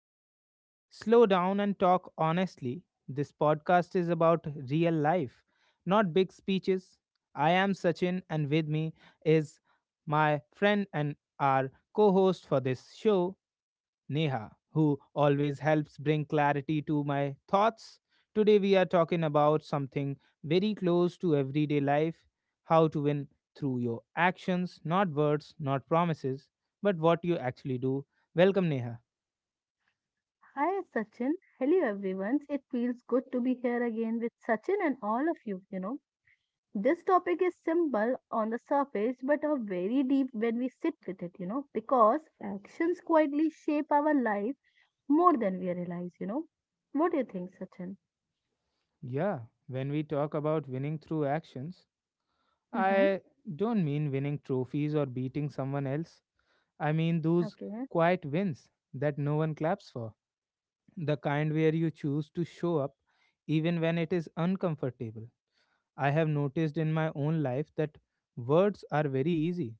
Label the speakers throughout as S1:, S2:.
S1: where we slow down and talk honestly. This podcast is about real life, not big speeches. I am Sachin, and with me is my friend and our co host for this show. Neha, who always helps bring clarity to my thoughts. Today, we are talking about something very close to everyday life how to win through your actions, not words, not promises, but what you actually do. Welcome, Neha.
S2: Hi Sachin, hello everyone. It feels good to be here again with Sachin and all of you. This topic is simple on the surface but are very deep when we sit with it, because actions quietly shape our life more than we realize. What do you think, Sachin?
S1: Yeah, when we talk about winning through actions,
S2: Mm-hmm.
S1: I don't mean winning trophies or beating someone else. I mean those
S2: Okay.
S1: quiet wins that no one claps for the kind where you choose to show up even when it is uncomfortable. I have noticed in my own life that words are very easy.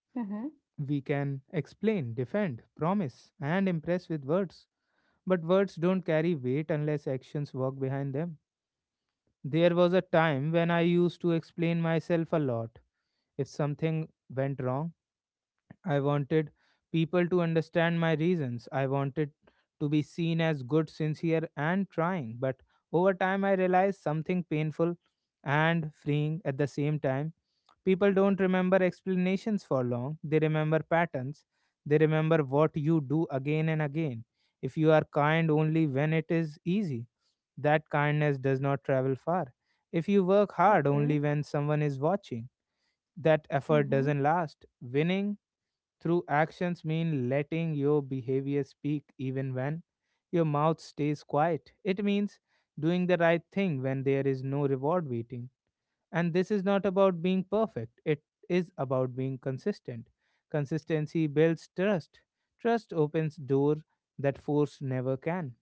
S2: Mm-hmm.
S1: We can explain, defend, promise, and impress with words. But words don't carry weight unless actions walk behind them. There was a time when I used to explain myself a lot if something went wrong I wanted people to understand my reasons. I wanted to be seen as good, sincere, and trying. But over time, I realized something painful and freeing at the same time. People don't remember explanations for long, they remember patterns. They remember what you do again and again. If you are kind only when it is easy, that kindness does not travel far. If you work hard
S2: Okay.
S1: only when someone is watching, that effort
S2: Mm-hmm.
S1: doesn't last. Winning through actions mean letting your behavior speak even when your mouth stays quiet. It means doing the right thing when there is no reward waiting. And this is not about being perfect, it is about being consistent. Consistency builds trust. Trust opens door that force never can.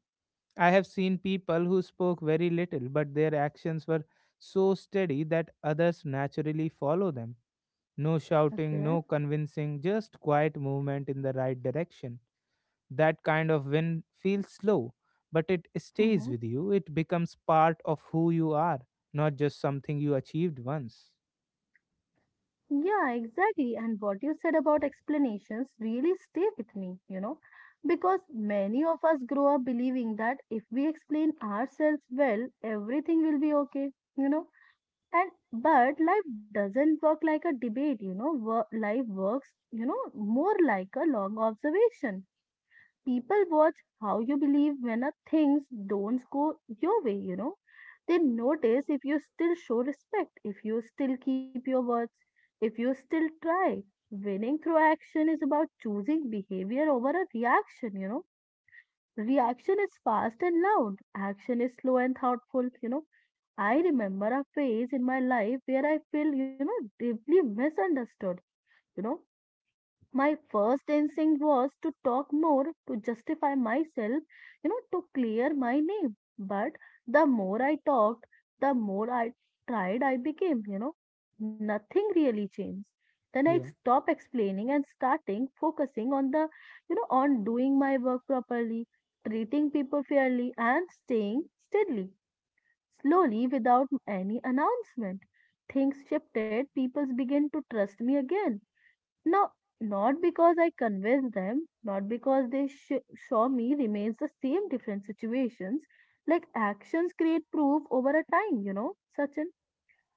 S1: I have seen people who spoke very little but their actions were so steady that others naturally follow them no shouting,
S2: Okay.
S1: no convincing, just quiet movement in the right direction. That kind of win feels slow, but it stays
S2: Mm-hmm.
S1: with you. It becomes part of who you are, not just something you achieved once.
S2: Yeah, exactly. And what you said about explanations really stay with me, because many of us grow up believing that if we explain ourselves well, everything will be okay, you know. And but life doesn't work like a debate, life works, more like a long observation. People watch how you believe when a things don't go your way, they notice if you still show respect, if you still keep your words, if you still try. Winning through action is about choosing behavior over a reaction, reaction is fast and loud. Action is slow and thoughtful, I remember a phase in my life where I feel, deeply misunderstood you know my first instinct was to talk more, to justify myself, to clear my name. But the more I talked, the more I tried, I became, nothing really changed. Then I
S1: Yeah,
S2: stopped explaining and starting focusing on the, on doing my work properly, treating people fairly, and staying steadily, slowly without any announcement. Things shifted, people began to trust me again, no, not because I convinced them, not because they show me remains the same different situations. Like actions create proof over a time, Sachin.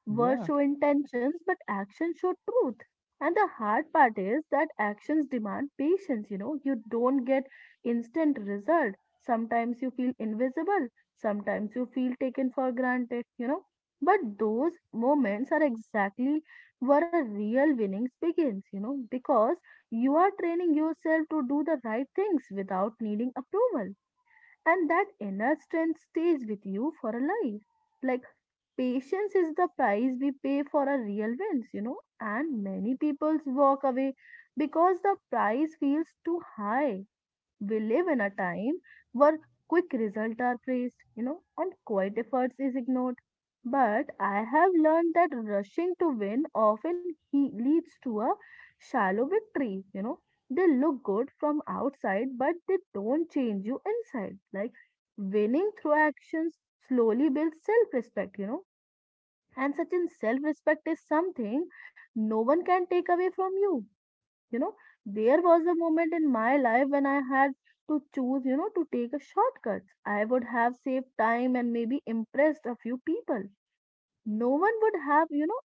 S2: Words
S1: yeah,
S2: show intentions, but actions show truth. And the hard part is that actions demand patience. You don't get instant result. Sometimes you feel invisible. Sometimes you feel taken for granted. But those moments are exactly where a real winnings begins. Because you are training yourself to do the right things without needing approval, and that inner strength stays with you for a life. Like Patience is the price we pay for our real wins, and many people walk away because the price feels too high. We live in a time where quick results are praised, and quiet efforts is ignored. But I have learned that rushing to win often he leads to a shallow victory. They look good from outside, but they don't change you inside. Like winning through actions slowly builds self respect, and such in self-respect is something no one can take away from you, you know there was a moment in my life when I had to choose, to take a shortcut. I would have saved time and maybe impressed a few people. No one would have,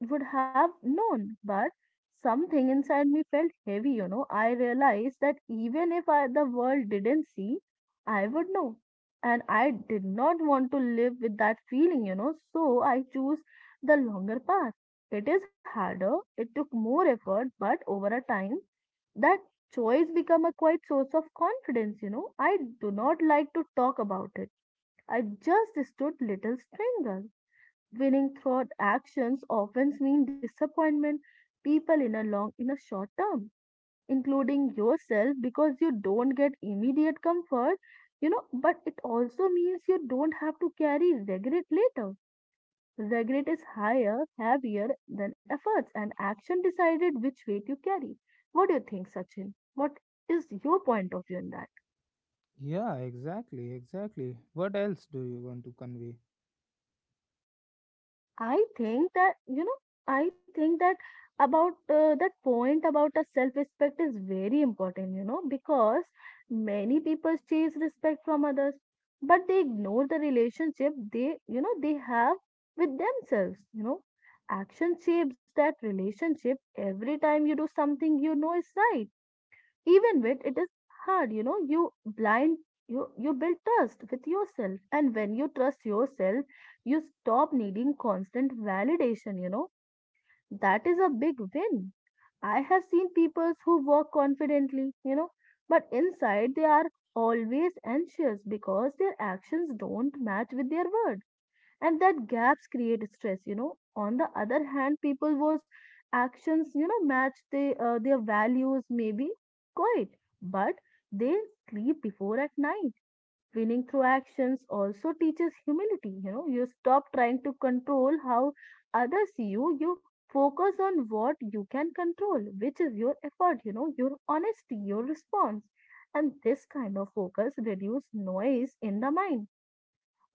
S2: would have known, but something inside me felt heavy. I realized that even if I, the world didn't see, I would know. And I did not want to live with that feeling, so I chose the longer path. It is harder, it took more effort, but over a time, that choice became a quite source of confidence. I do not like to talk about it. I just stood little stranger. Winning through actions often means disappointment people in a long in a short term, including yourself because you don't get immediate comfort, but it also means you don't have to carry regret later. Regret is higher, heavier than efforts, and action decided which weight you carry. What do you think, Sachin? What is your point of view on that?
S1: yeah, exactly, exactly. What else do you want to convey?
S2: I think that, you know, I think that about that point about a self-respect is very important, because many people chase respect from others, but they ignore the relationship they have with themselves, Action shapes that relationship every time you do something you know is right, even when it is hard, blind you build trust with yourself. And when you trust yourself you stop needing constant validation, that is a big win. I have seen people who walk confidently, but inside they are always anxious because their actions don't match with their words, and that gaps create stress, on the other hand people whose actions, match their values may be quiet but they sleep before at night. Winning through actions also teaches humility, you stop trying to control how others see you, focus on what you can control, which is your effort, your honesty, your response. And this kind of focus reduces noise in the mind,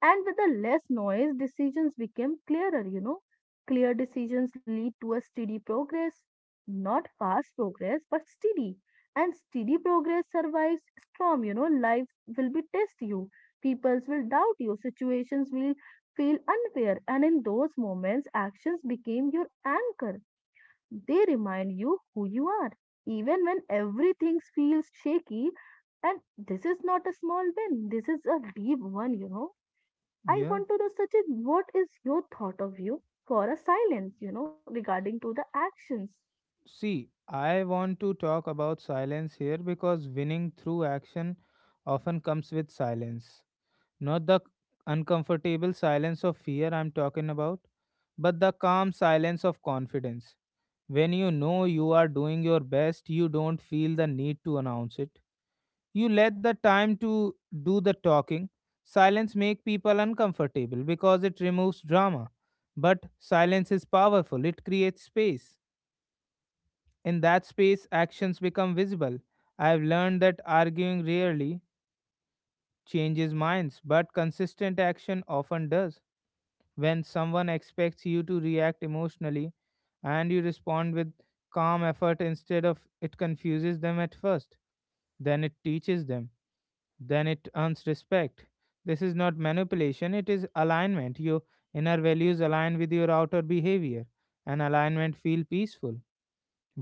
S2: and with the less noise, decisions became clearer, Clear decisions lead to a steady progress, not fast progress, but steady. And steady progress survives storm, Life will be test you, peoples will doubt you, situations will feel unfair. And in those moments, actions became your anchor. They remind you who you are. Even when everything feels shaky, and this is not a small win, this is a deep one, I
S1: Yeah,
S2: want to know, Sachin, what is your thought of you for a silence, regarding to the actions?
S1: see, I want to talk about silence here because winning through action often comes with silence. Not the uncomfortable silence of fear I'm talking about, but the calm silence of confidence. When you know you are doing your best, you don't feel the need to announce it. You let the time to do the talking. Silence make people uncomfortable because it removes drama. But silence is powerful. It creates space. In that space, actions become visible. I've learned that arguing rarely changes minds, but consistent action often does. When someone expects you to react emotionally and you respond with calm effort instead of it confuses them at first, then it teaches them, then it earns respect. This is not manipulation, it is alignment. Your inner values align with your outer behavior, and alignment feel peaceful.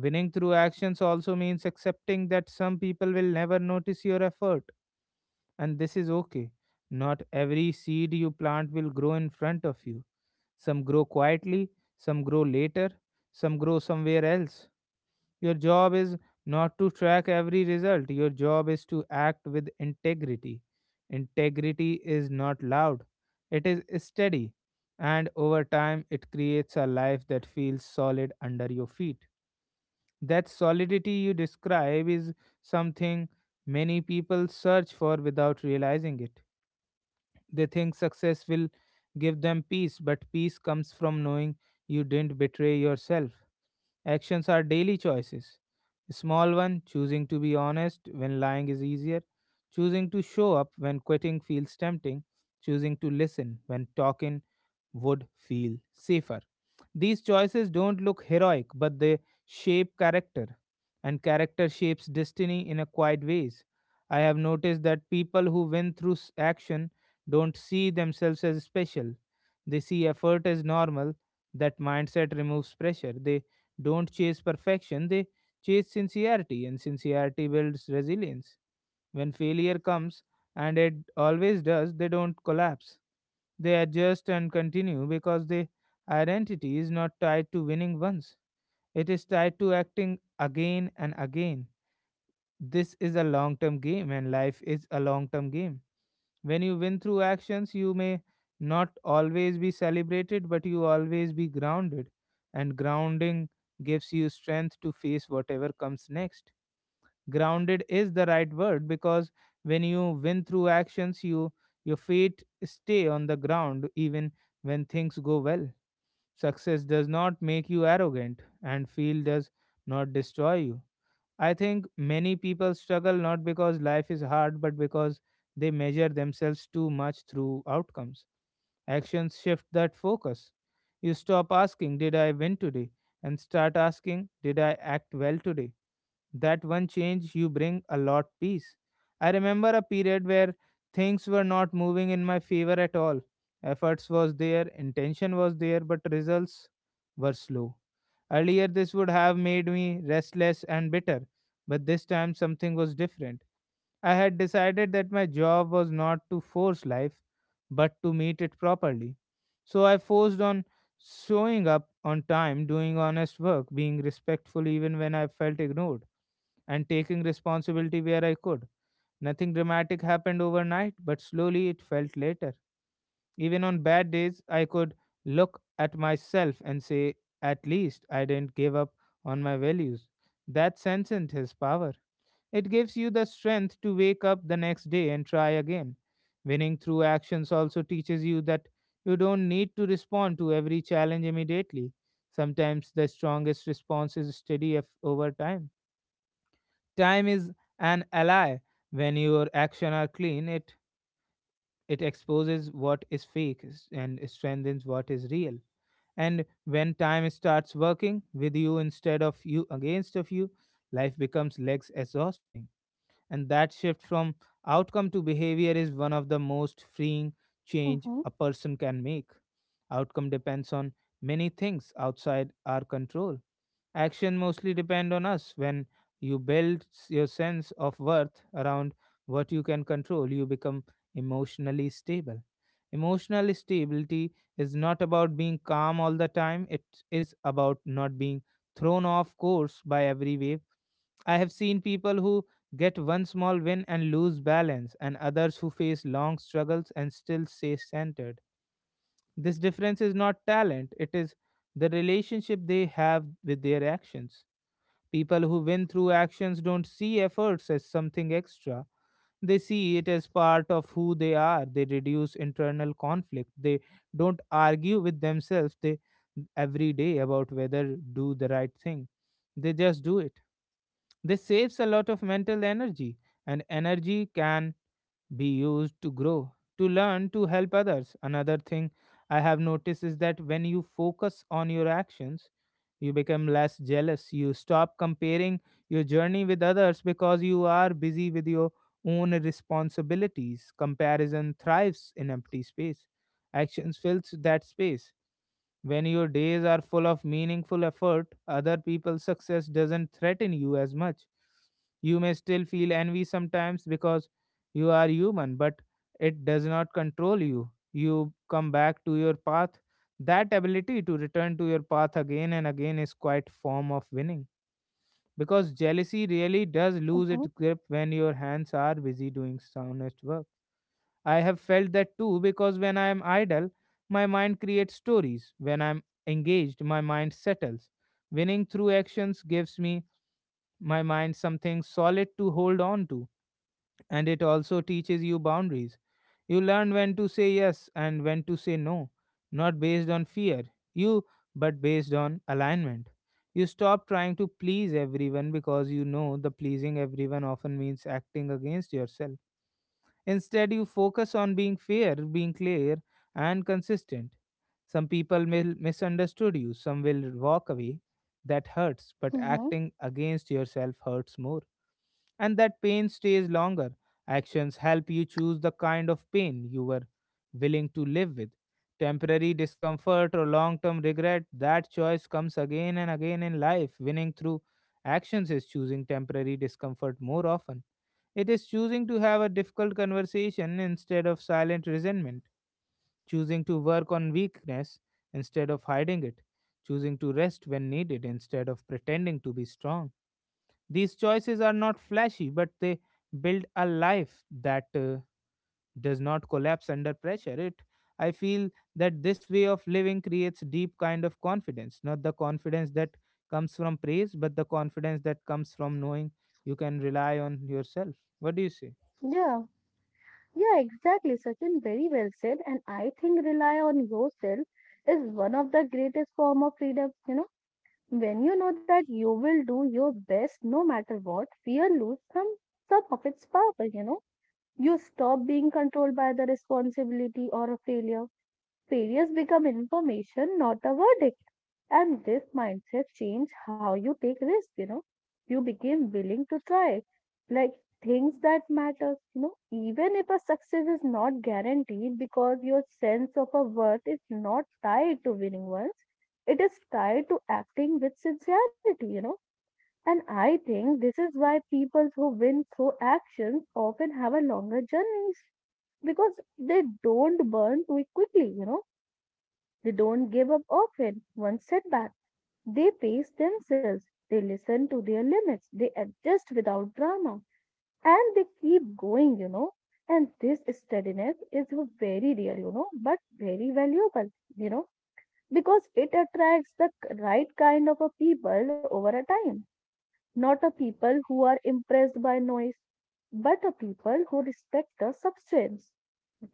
S1: Winning through actions also means accepting that some people will never notice your effort, and this is okay. Not every seed you plant will grow in front of you. Some grow quietly, some grow later, some grow somewhere else. Your job is not to track every result, your job is to act with integrity. Integrity is not loud, it is steady, and over time, it creates a life that feels solid under your feet. That solidity you describe is something many people search for without realizing it. They think success will give them peace, but peace comes from knowing you didn't betray yourself. Actions are daily choices. A small one, choosing to be honest when lying is easier, choosing to show up when quitting feels tempting, choosing to listen when talking would feel safer. These choices don't look heroic, but they shape character, and character shapes destiny in a quiet ways. I have noticed that people who win through action don't see themselves as special. They see effort as normal. That mindset removes pressure. They don't chase perfection, they chase sincerity, and sincerity builds resilience. When failure comes, and it always does, they don't collapse. They adjust and continue because the identity is not tied to winning once, it is tied to acting again and again. This is a long term game, and life is a long term game. When you win through actions, you may not always be celebrated, but you always be grounded, and grounding gives you strength to face whatever comes next. Grounded is the right word because when you win through actions you your feet stay on the ground even when things go well. Success does not make you arrogant and feel does not destroy you. I think many people struggle not because life is hard but because they measure themselves too much through outcomes. Actions shift that focus. You stop asking did I win today, and start asking did I act well today. That one change you bring a lot peace. I remember a period where things were not moving in my favor at all. Efforts was there, intention was there, but results were slow. Earlier this would have made me restless and bitter, but this time something was different. I had decided that my job was not to force life, but to meet it properly. So I forced on showing up on time, doing honest work, being respectful even when I felt ignored, and taking responsibility where I could. Nothing dramatic happened overnight, but slowly it felt later. Even on bad days, I could look at myself and say, at least I didn't give up on my values. That sentence has power. It gives you the strength to wake up the next day and try again. Winning through actions also teaches you that you don't need to respond to every challenge immediately. Sometimes the strongest response is steady over time. Time is an ally. When your actions are clean, it exposes what is fake and strengthens what is real. And when time starts working with you instead of you against of you, life becomes less exhausting. And that shift from outcome to behavior is one of the most freeing change
S2: Mm-hmm,
S1: a person can make. Outcome depends on many things outside our control. Action mostly depend on us. When you build your sense of worth around what you can control, you become emotionally stable. Emotional stability is not about being calm all the time. It is about not being thrown off course by every wave. I have seen people who get one small win and lose balance, and others who face long struggles and still stay centered. This difference is not talent, it is the relationship they have with their actions. People who win through actions don't see efforts as something extra. They see it as part of who they are. They reduce internal conflict. They don't argue with themselves they, Every day about whether do the right thing. They just do it. This saves a lot of mental energy, and energy can be used to grow, to learn, to help others. Another thing I have noticed is that when you focus on your actions, you become less jealous. You stop comparing your journey with others because you are busy with your own responsibilities. Comparison thrives in empty space, actions fills that space. When your days are full of meaningful effort, other people's success doesn't threaten you as much. You may still feel envy sometimes because you are human, but it does not control you. You come back to your path. That ability to return to your path again and again is quite form of winning. Because jealousy really does lose
S2: mm-hmm,
S1: its grip when your hands are busy doing soundest work. I have felt that too because when I am idle, my mind creates stories. When I am engaged, my mind settles. Winning through actions gives me my mind something solid to hold on to, and it also teaches you boundaries. You learn when to say yes and when to say no, not based on fear, you but based on alignment. You stop trying to please everyone because you know the pleasing everyone often means acting against yourself. Instead, you focus on being fair, being clear, and consistent. Some people may misunderstood you, some will walk away. That hurts, but
S2: mm-hmm.
S1: acting against yourself hurts more, and that pain stays longer. Actions help you choose the kind of pain you were willing to live with. Temporary discomfort or long term regret, that choice comes again and again in life. Winning through actions is choosing temporary discomfort more often. It is choosing to have a difficult conversation instead of silent resentment, choosing to work on weakness instead of hiding it, choosing to rest when needed instead of pretending to be strong. These choices are not flashy, but they build a life that does not collapse under pressure. It I feel that this way of living creates deep kind of confidence, not the confidence that comes from praise, but the confidence that comes from knowing you can rely on yourself. What do you say?
S2: Yeah. Yeah, exactly, Sachin. Very well said. And I think rely on yourself is one of the greatest form of freedom. When you know that you will do your best no matter what, fear lose some of its power. You stop being controlled by the responsibility or a failure. Failures become information, not a verdict. And this mindset change how you take risk, you know. You became willing to try like things that matter, even if a success is not guaranteed because your sense of a worth is not tied to winning once, it is tied to acting with sincerity, And I think this is why people who win through actions often have a longer journeys because they don't burn too quickly, They don't give up often. One setback they pace themselves, they listen to their limits, they adjust without drama, and they keep going, And this steadiness is very real, but very valuable, you know, because it attracts the right kind of a people over a time. Not a people who are impressed by noise, but a people who respect the substance.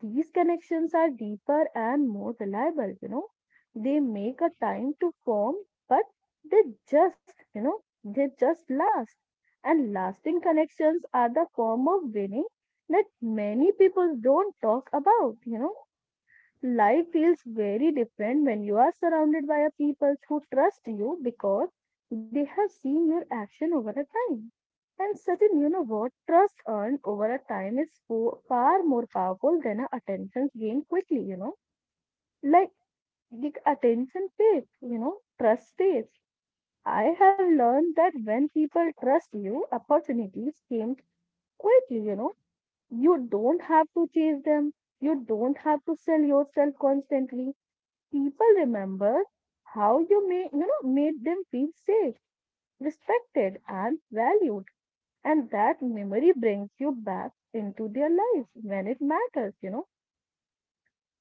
S2: These connections are deeper and more reliable, They make a time to form, but they just, you know, they just last. And lasting connections are the form of winning that many people don't talk about, Life feels very different when you are surrounded by a people who trust you because they have seen your action over a time. And certain, trust earned over a time is far more powerful than a attention gained quickly, Like, the attention fades, trust fades. I have learned that when people trust you, opportunities came quickly, you know. You don't have to chase them. You don't have to sell yourself constantly. People remember how you may, made them feel safe, respected, and valued. And that memory brings you back into their lives when it matters,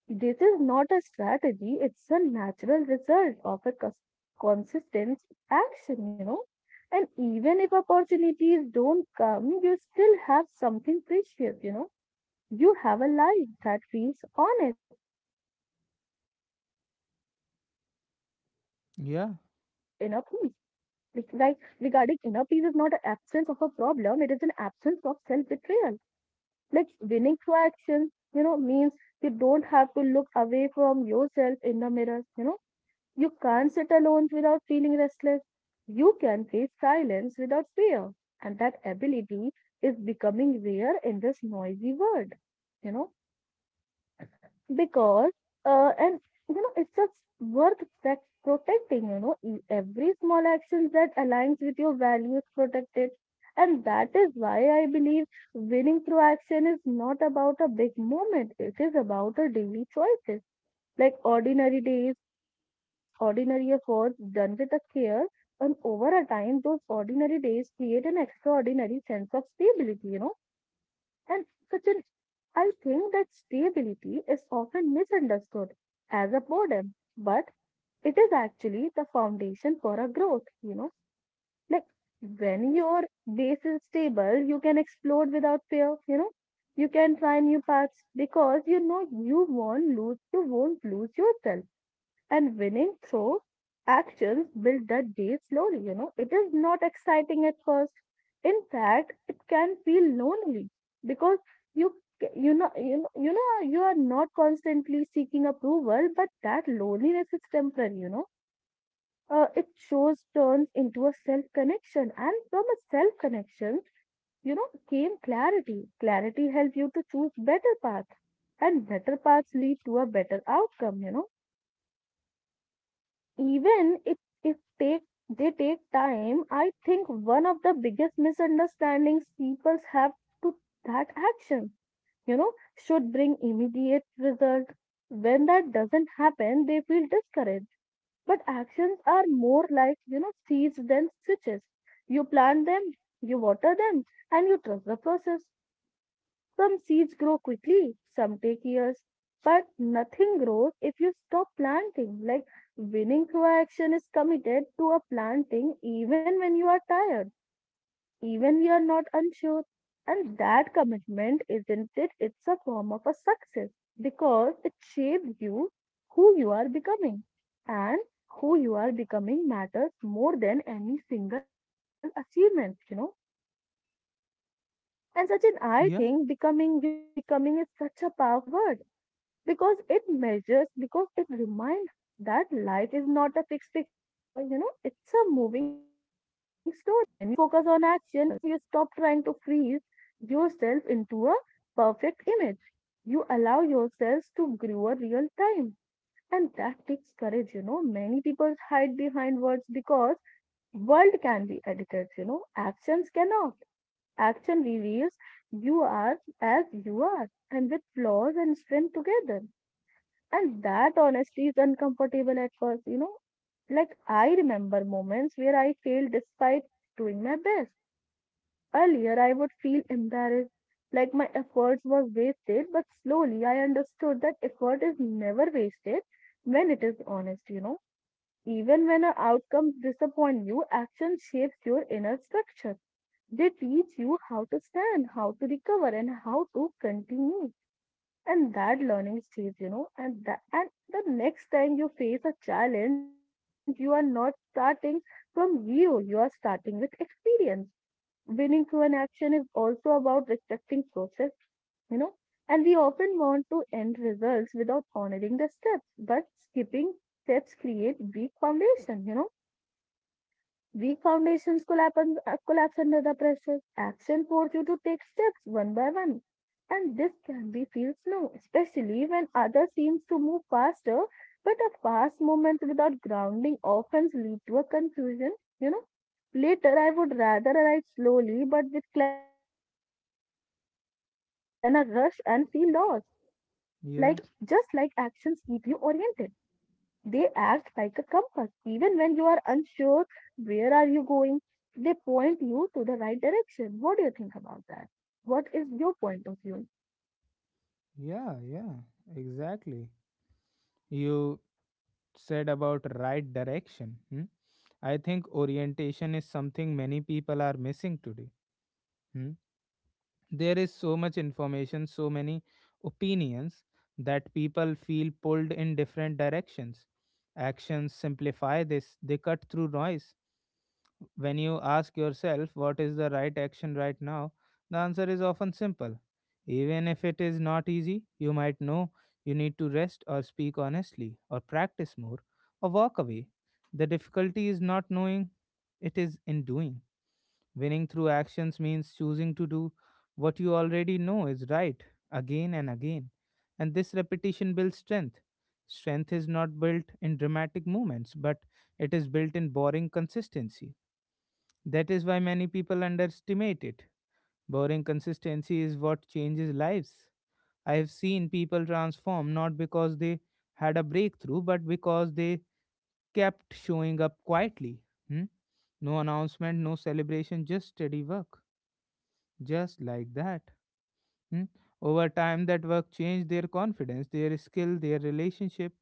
S2: This is not a strategy, it's a natural result of a consistent action, And even if opportunities don't come, you still have something precious, you know. You have a life that feels honest, and that honesty creates inner peace. It's like
S1: Yeah,
S2: regarding inner peace is not an absence of a problem, it is an absence of self betrayal. Like winning through action, means you don't have to look away from yourself in the mirror, you know. You can't sit alone without feeling restless. You can face silence without fear. And that ability is becoming rare in this noisy world, you know because and it's just worth that protecting, every small action that aligns with your values protect it. And that is why I believe winning through action is not about a big moment, it is about a daily choices. Like ordinary days, ordinary efforts done with a care, and over a time those ordinary days create an extraordinary sense of stability, and Sachin, I think that stability is often misunderstood as a boredom, but it is actually the foundation for a growth, Like when your base is stable, you can explore without fear, you know. You can try new paths because you know you won't lose yourself and winning through actions build that date slowly, you know. It is not exciting at first. In fact, it can feel lonely because you you know you are not constantly seeking approval, but that loneliness is temporary, you know. Uh, it shows turns into a self connection, and from a self connection, you know, came clarity. Clarity helps you to choose better path, and better paths lead to a better outcome, you know, even if take they take time. I think one of the biggest misunderstandings people have to that action, you know, should bring immediate result. When that doesn't happen, they feel discouraged, but actions are more like, you know, seeds than switches. You plant them, you water them, and you trust the process. Some seeds grow quickly, some take years, but nothing grows if you stop planting. Like, winning through action is committed to a planting even when you are tired, even we are not unsure. And that commitment, isn't it? It's a form of a success, because it shapes you, who you are becoming. And who you are becoming matters more than any single achievement, you know. And Sachin, I think
S1: yeah,
S2: becoming, you know, becoming is such a powerful word, because it measures, because it reminds us that life is not a fixed picture, you know, it's a moving story. When you focus on action, you stop trying to freeze yourself into a perfect image. You allow yourselves to grow a real time. And that takes courage, you know. Many people hide behind words because world can be edited, you know. Actions cannot. Action reveals you are as you are, and with flaws and strength together. And that honestly is uncomfortable at first, you know. Like, I remember moments where I failed despite doing my best. Earlier, I would feel embarrassed, like my efforts were wasted, but slowly I understood that effort is never wasted when it is honest, you know. Even when our outcomes disappoint you, action shapes your inner structure. They teach you how to stand, how to recover, and how to continue, and that learning stays, you know. And the next time you face a challenge, you are not starting from zero, you are starting with experience. Winning through an action is also about respecting process, you know, and we often want to end results without honoring the steps, but skipping steps create weak foundation, you know. Weak foundations collapse, collapse under the pressure. Action forces you to take steps one by one. And this can be feel slow, especially when others seem to move faster. But a fast movement without grounding often leads to a confusion. You know, later I would rather ride slowly but with clarity than a rush and feel lost. Like, just like actions
S1: yeah,
S2: keep you oriented. They act like a compass. Even when you are unsure where are you going, they point you to the right direction. What do you think about that? What is your point of view?
S1: yeah, yeah, exactly. You said about right direction. Hmm? I think orientation is something many people are missing today. Hmm. There is so much information, so many opinions that people feel pulled in different directions. Actions simplify this, they cut through noise. When you ask yourself what is the right action right now, the answer is often simple, even if it is not easy. You might know you need to rest or speak honestly or practice more or walk away. The difficulty is not knowing, it is in doing. Winning through actions means choosing to do what you already know is right, again and again. And this repetition builds strength. Strength is not built in dramatic moments, but it is built in boring consistency. That is why many people underestimate it. Boring consistency is what changes lives. I have seen people transform not because they had a breakthrough, but because they kept showing up quietly. Hmm? No announcement, no celebration, just steady work. Just like that. Hmm? Over time, that work changed their confidence, their skill, their relationship.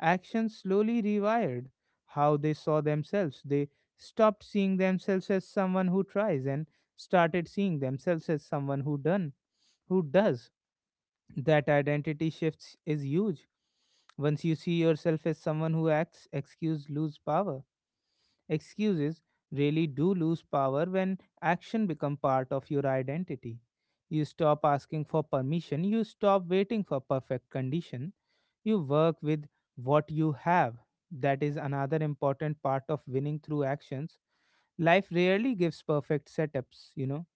S1: Actions slowly rewired how they saw themselves. They stopped seeing themselves as someone who tries and started seeing themselves as someone who done, who does. That identity shifts is huge. Once you see yourself as someone who acts, excuse lose power. Excuses really do lose power when action become part of your identity. You stop asking for permission, you stop waiting for perfect condition. You work with what you have. That is another important part of winning through actions. Life rarely gives perfect setups, you know.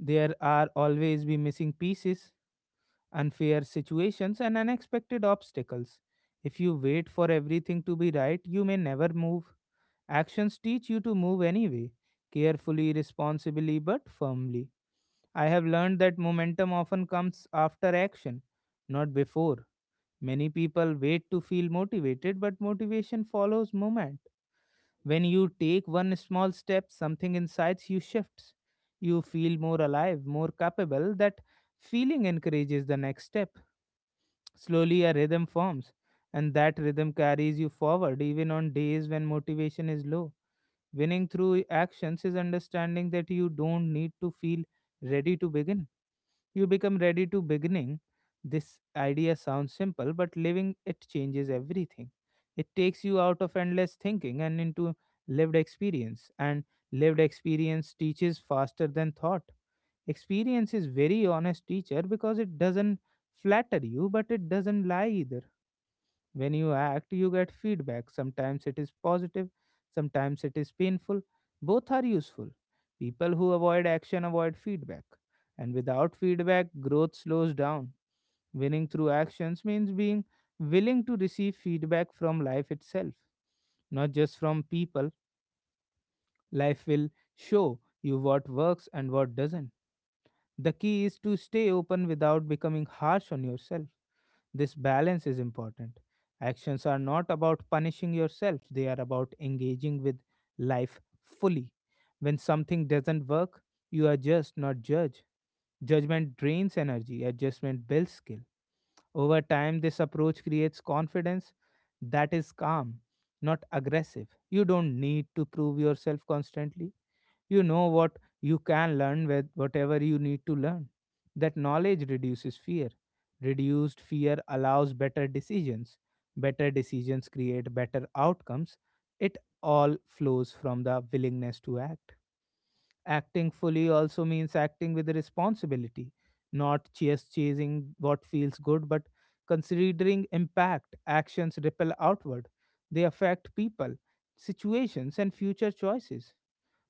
S1: There are always be missing pieces, unfair situations and unexpected obstacles. If you wait for everything to be right, you may never move. Actions teach you to move anyway, carefully, responsibly, but firmly. I have learned that momentum often comes after action, not before. Many people wait to feel motivated, but motivation follows movement. When you take one small step, something inside you shifts. You feel more alive, more capable. That feeling encourages the next step. Slowly, a rhythm forms, and that rhythm carries you forward even on days when motivation is low. Winning through actions is understanding that you don't need to feel ready to begin. You become ready to beginning. This idea sounds simple, but living it changes everything. It takes you out of endless thinking and into lived experience, and lived experience teaches faster than thought. Experience is very honest teacher because it doesn't flatter you, but it doesn't lie either. When you act, you get feedback. Sometimes it is positive, sometimes it is painful. Both are useful. People who avoid action avoid feedback. And without feedback, growth slows down. Winning through actions means being willing to receive feedback from life itself, not just from people. Life will show you what works and what doesn't. The key is to stay open without becoming harsh on yourself. This balance is important. Actions are not about punishing yourself, they are about engaging with life fully. When something doesn't work, you adjust, not judge. Judgment drains energy, adjustment builds skill. Over time, this approach creates confidence that is calm, not aggressive. You don't need to prove yourself constantly. You know what you can learn with whatever you need to learn. That knowledge reduces fear. Reduced fear allows better decisions. Better decisions create better outcomes. It all flows from the willingness to act. Acting fully also means acting with responsibility, not just chasing what feels good, but considering impact. Actions ripple outward, they affect people, situations and future choices.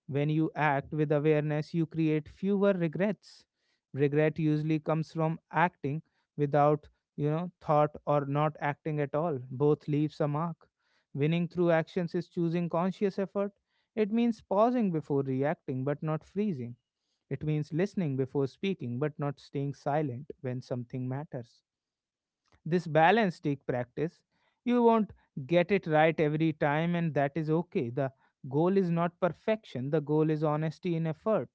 S1: When you act with awareness, you create fewer regrets. Regret usually comes from acting without, thought, or not acting at all. Both leaves a mark. Winning through actions is choosing conscious effort. It means pausing before reacting but not freezing. It means listening before speaking but not staying silent when something matters. This balance take practice. You won't get it right every time, and that is okay. The goal is not perfection, the goal is honesty in effort.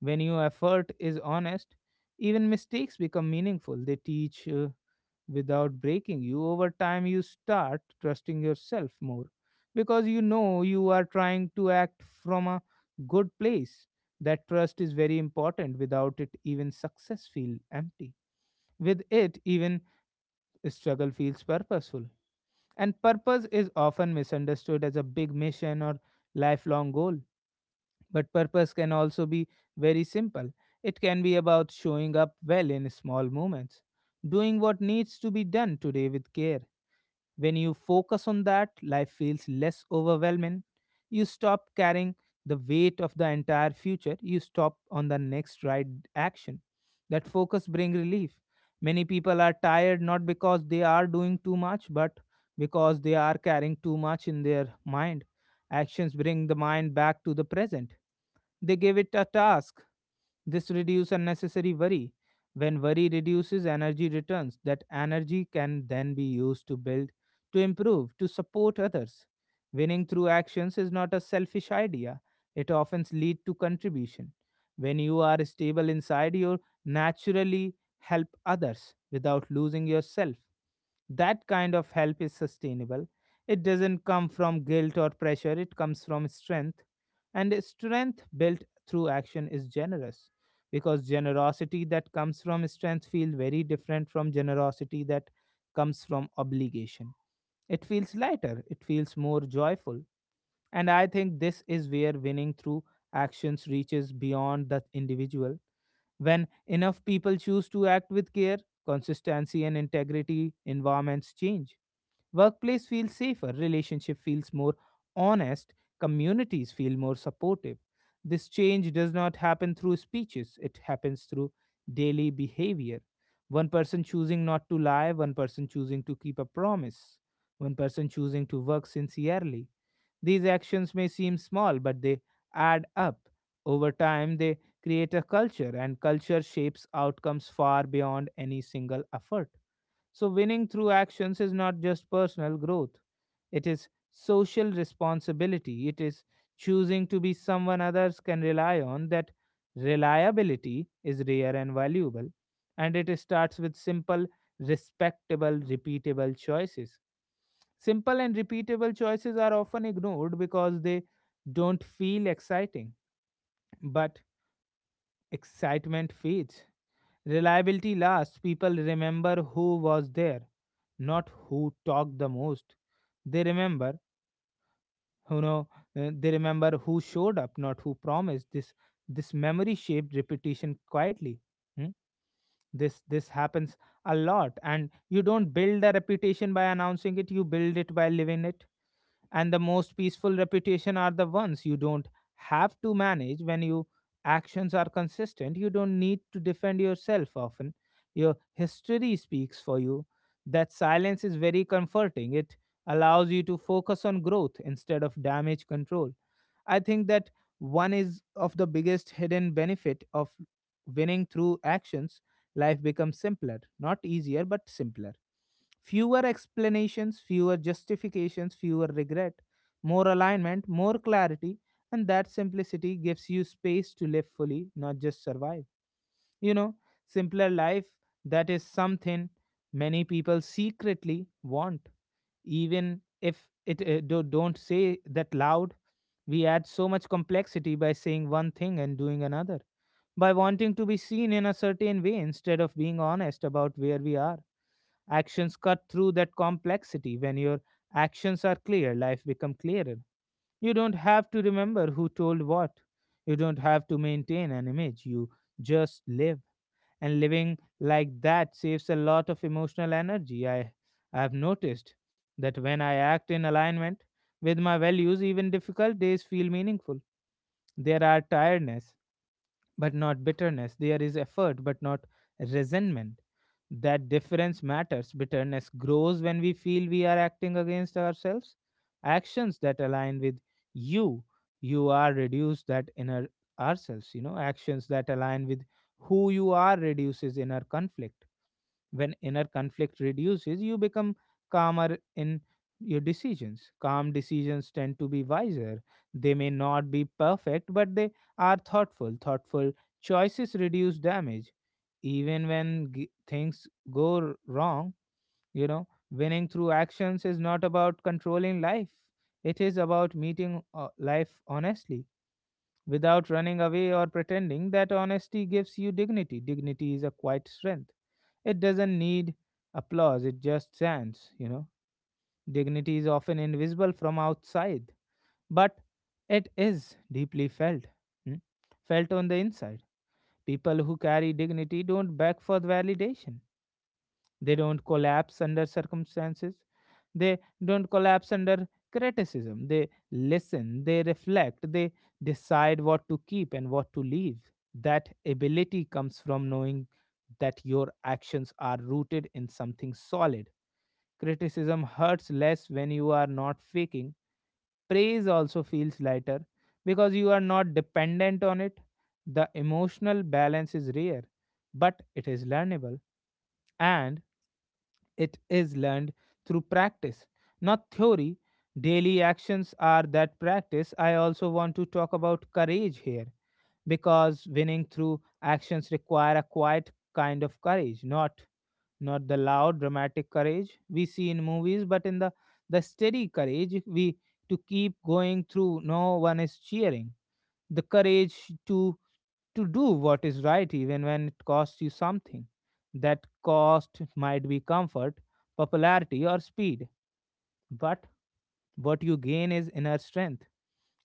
S1: When your effort is honest, even mistakes become meaningful. They teach without breaking you. Over time, you start trusting yourself more because you know you are trying to act from a good place. That trust is very important. Without it even success feel empty, with it even struggle feels purposeful. And purpose is often misunderstood as a big mission or lifelong goal. But purpose can also be very simple. It can be about showing up well in small moments, doing what needs to be done today with care. When you focus on that, life feels less overwhelming. You stop carrying the weight of the entire future, you stop on the next right action. That focus brings relief. Many people are tired not because they are doing too much, but because they are carrying too much in their mind. Actions bring the mind back to the present. They give it a task. This reduces unnecessary worry. When worry reduces, energy returns. That energy can then be used to build, to improve, to support others. Winning through actions is not a selfish idea. It often leads to contribution. When you are stable inside, you naturally help others without losing yourself. That kind of help is sustainable. It doesn't come from guilt or pressure, it comes from strength. And a strength built through action is generous, because generosity that comes from strength feels very different from generosity that comes from obligation. It feels lighter, it feels more joyful. And I think this is where winning through actions reaches beyond the individual. When enough people choose to act with care, consistency, and integrity, environments change. Workplace feels safer, relationship feels more honest, communities feel more supportive. This change does not happen through speeches, it happens through daily behavior. One person choosing not to lie, one person choosing to keep a promise, one person choosing to work sincerely. These actions may seem small, but they add up. Over time, they create a culture, and culture shapes outcomes far beyond any single effort. So, winning through actions is not just personal growth, it is social responsibility. It is choosing to be someone others can rely on. That reliability is rare and valuable. And it starts with simple, respectable, repeatable choices. Simple and repeatable choices are often ignored because they don't feel exciting, but excitement fades. Reliability lasts. People remember who was there, not who talked the most. They remember, you know, they remember who showed up, not who promised. This memory shaped repetition quietly. Hmm? This happens a lot, and you don't build a reputation by announcing it. You build it by living it. And the most peaceful reputation are the ones you don't have to manage. When your actions are consistent, you don't need to defend yourself often, your history speaks for you. That silence is very comforting, it allows you to focus on growth instead of damage control. I think that one is of the biggest hidden benefit of winning through actions. Life becomes simpler, not easier, but simpler. Fewer explanations, fewer justifications, fewer regret, more alignment, more clarity, and that simplicity gives you space to live fully, not just survive. You know, simpler life, that is something many people secretly want, even if it don't say that loud. We add so much complexity by saying one thing and doing another, by wanting to be seen in a certain way instead of being honest about where we are. Actions cut through that complexity. When your actions are clear, life becomes clearer. You don't have to remember who told what, you don't have to maintain an image, you just live. And living like that saves a lot of emotional energy. I have noticed that when I act in alignment with my values, even difficult days feel meaningful. There are tiredness but not bitterness. There is effort, but not resentment. That difference matters. Bitterness grows when we feel we are acting against ourselves. Actions that align with you, you are reduced that inner ourselves. You know, actions that align with who you are reduces inner conflict. When inner conflict reduces, you become calmer in your decisions. Calm decisions tend to be wiser. They may not be perfect, but they are thoughtful. Thoughtful choices reduce damage. Even when things go wrong, you know, winning through actions is not about controlling life. It is about meeting life honestly without running away or pretending, that honesty gives you dignity. Dignity is a quiet strength. It doesn't need applause, it just stands, you know. Dignity is often invisible from outside, but it is deeply felt, hmm, felt on the inside. People who carry dignity don't beg for validation. They don't collapse under circumstances. They don't collapse under criticism. They listen, they reflect, they decide what to keep and what to leave. That ability comes from knowing that your actions are rooted in something solid. Criticism hurts less when you are not faking. Praise also feels lighter because you are not dependent on it. The emotional balance is rare, but it is learnable. And it is learned through practice, not theory. Daily actions are that practice. I also want to talk about courage here because winning through actions require a quiet kind of courage, not the loud dramatic courage we see in movies, but in the steady courage we to keep going through no one is cheering the courage to to do what is right even when it costs you something. That cost might be comfort, popularity, or speed, but what you gain is inner strength.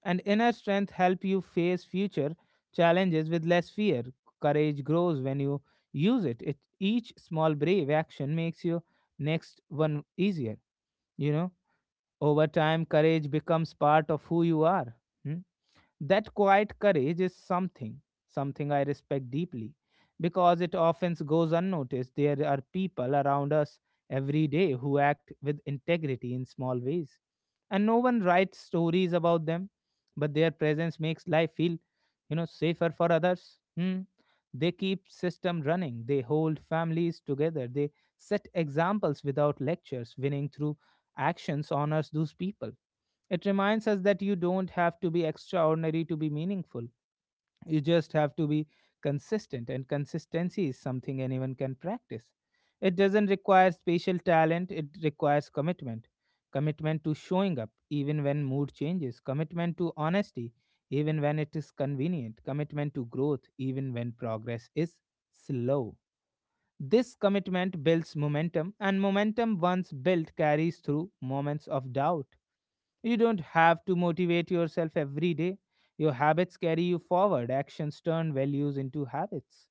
S1: And inner strength help you face future challenges with less fear. Courage grows when you use it. Each small brave action makes your next one easier. You know, over time, courage becomes part of who you are. Hmm? That quiet courage is something I respect deeply because it often goes unnoticed. There are people around us every day who act with integrity in small ways, and no one writes stories about them, but their presence makes life feel, safer for others. Hmm. They keep system running, they hold families together, they set examples without lectures. Winning through actions honors those people. It reminds us that you don't have to be extraordinary to be meaningful. You just have to be consistent, and consistency is something anyone can practice. It doesn't require special talent, it requires commitment. Commitment to showing up, even when mood changes. Commitment to honesty, even when it is convenient. Commitment to growth, even when progress is slow. This commitment builds momentum, and momentum once built carries through moments of doubt. You don't have to motivate yourself every day. Your habits carry you forward. Actions turn values into habits.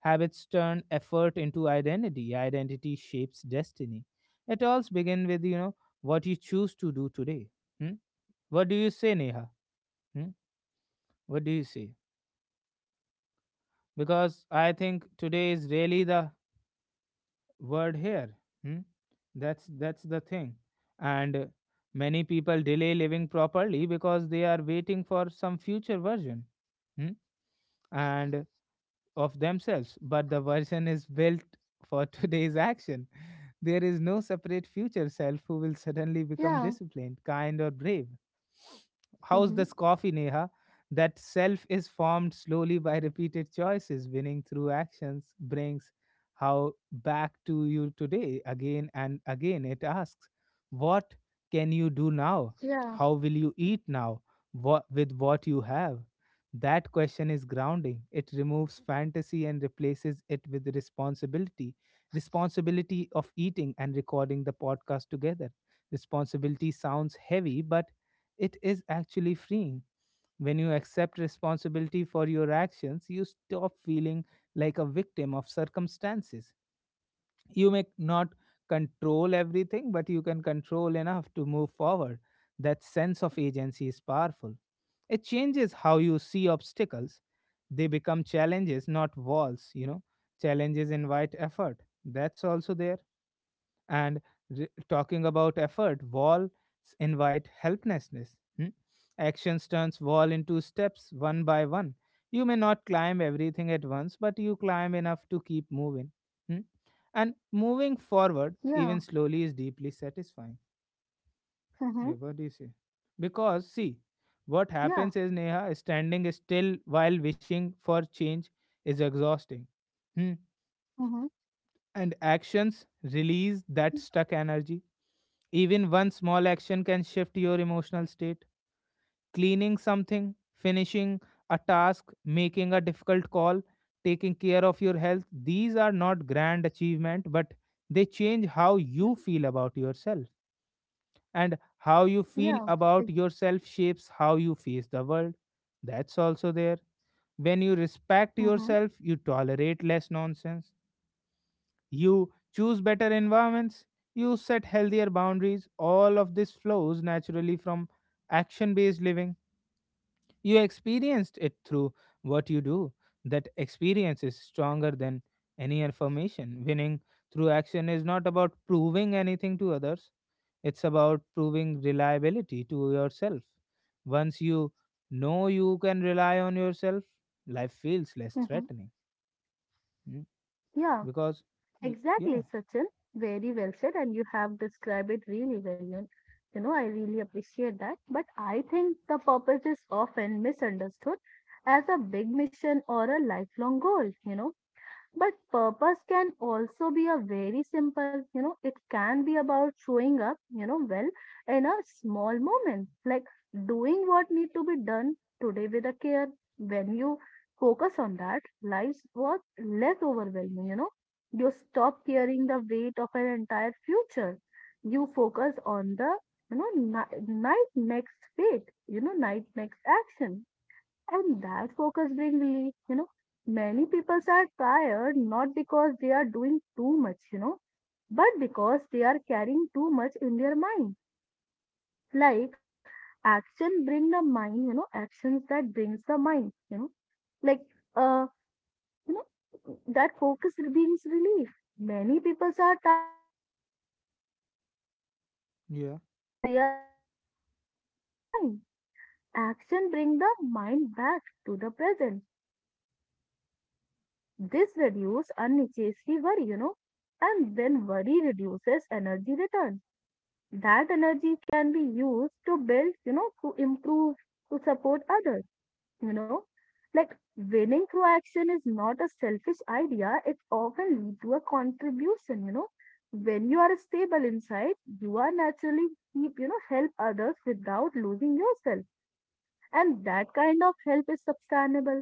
S1: Habits turn effort into identity. Identity shapes destiny. It all begins with what you choose to do today. Hmm? What do you say, Neha? Hmm? What do you say? Because I think today is really the word here. Hmm? That's the thing. And many people delay living properly because they are waiting for some future version. Hmm? And of themselves, but the version is built for today's action. There is no separate future self who will suddenly become
S2: Yeah.
S1: disciplined, kind, or brave. How's
S2: Mm-hmm.
S1: this coffee, Neha? That self is formed slowly by repeated choices. Winning through actions brings how back to you today. Again and again, it asks, what can you do now?
S2: Yeah.
S1: How will you eat now? What, with what you have? That question is grounding. It removes fantasy and replaces it with responsibility. Responsibility of eating and recording the podcast together. Responsibility sounds heavy, but it is actually freeing. When you accept responsibility for your actions, you stop feeling like a victim of circumstances. You may not control everything, but you can control enough to move forward. That sense of agency is powerful. It changes how you see obstacles. They become challenges, not walls, you know. Challenges invite effort. That's also there, and talking about effort, wall invite helplessness. Hmm? Actions turns wall into steps one by one. You may not climb everything at once, but you climb enough to keep moving. Hmm? And moving forward
S2: Yeah.
S1: even slowly is deeply satisfying.
S2: Mm-hmm.
S1: Yeah, what do you say? Because, see, what
S2: Yeah.
S1: happens is, Neha, standing still while wishing for change is exhausting Hmm
S2: Mm-hmm.
S1: and actions release that stuck energy. Even one small action can shift your emotional state. Cleaning something, finishing a task, making a difficult call, taking care of your health, these are not grand achievement, but they change how you feel about yourself. And how you
S2: Yeah.
S1: feel about yourself shapes how you face the world. That's also there. When you respect
S2: Mm-hmm.
S1: yourself, you tolerate less nonsense, you choose better environments, you set healthier boundaries. All of this flows naturally from action based living. You experienced it through what you do. That experience is stronger than any affirmation. Winning through action is not about proving anything to others, it's about proving reliability to yourself. Once you know you can rely on yourself, life feels less
S2: Mm-hmm.
S1: threatening. Mm,
S2: Yeah.
S1: Because,
S2: Exactly,
S1: yeah,
S2: Sachin. Very well said, and you have described it really well. And you know, I really appreciate that. But I think the purpose is often misunderstood as a big mission or a lifelong goal. You know, but purpose can also be a very simple, you know, it can be about showing up, you know, well in a small moment, like doing what need to be done today with a care. When you focus on that, life was less overwhelming, you know. You stop carrying the weight of an entire future. You focus on the, you know, night next fate, you know, night next action, and that focus brings relief, you know. Many people are tired not because they are doing too much, you know, but because they are carrying too much in their mind. Like, actions that brings the mind, you know, like uh, that focus brings relief. Many people are tired not because they are doing too much, but
S1: yeah,
S2: because they are carrying too much in their mind. Action bring the mind back to the present. They give it a task. This reduce unnecessary worry, you know, and then worry reduces energy return. That energy can be used to build, you know, to improve, to support others, you know. Like, winning through action is not a selfish idea. It often leads to a contribution, you know. When you are stable inside, you are naturally keep, you know, help others without losing yourself, and that kind of help is sustainable.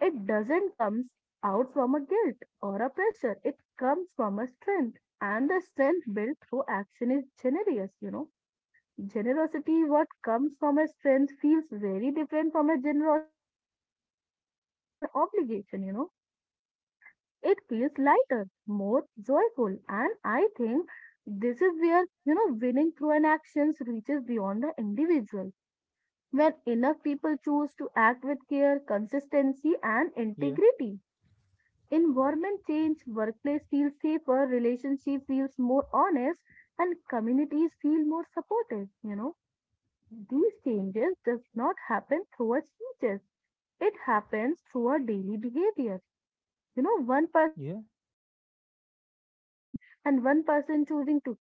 S2: It doesn't come out from a guilt or a pressure. It comes from a strength. And the strength built through action is generous, you know. Generosity, what comes from a strength, feels very different from a generosity, is what comes from an obligation, you know. It feels lighter, more joyful. And I think this is where, you know, winning through an actions reaches beyond the individual when enough people choose to act with care, consistency, and
S1: yeah,
S2: integrity. Environment change, workplace feels safer, relationship feels more honest, and communities feel more supportive. You know, these changes does not happen through a speeches. It happens through our daily behavior. You know, one person
S1: yeah.
S2: choosing not to lie, and one person choosing to keep the promise,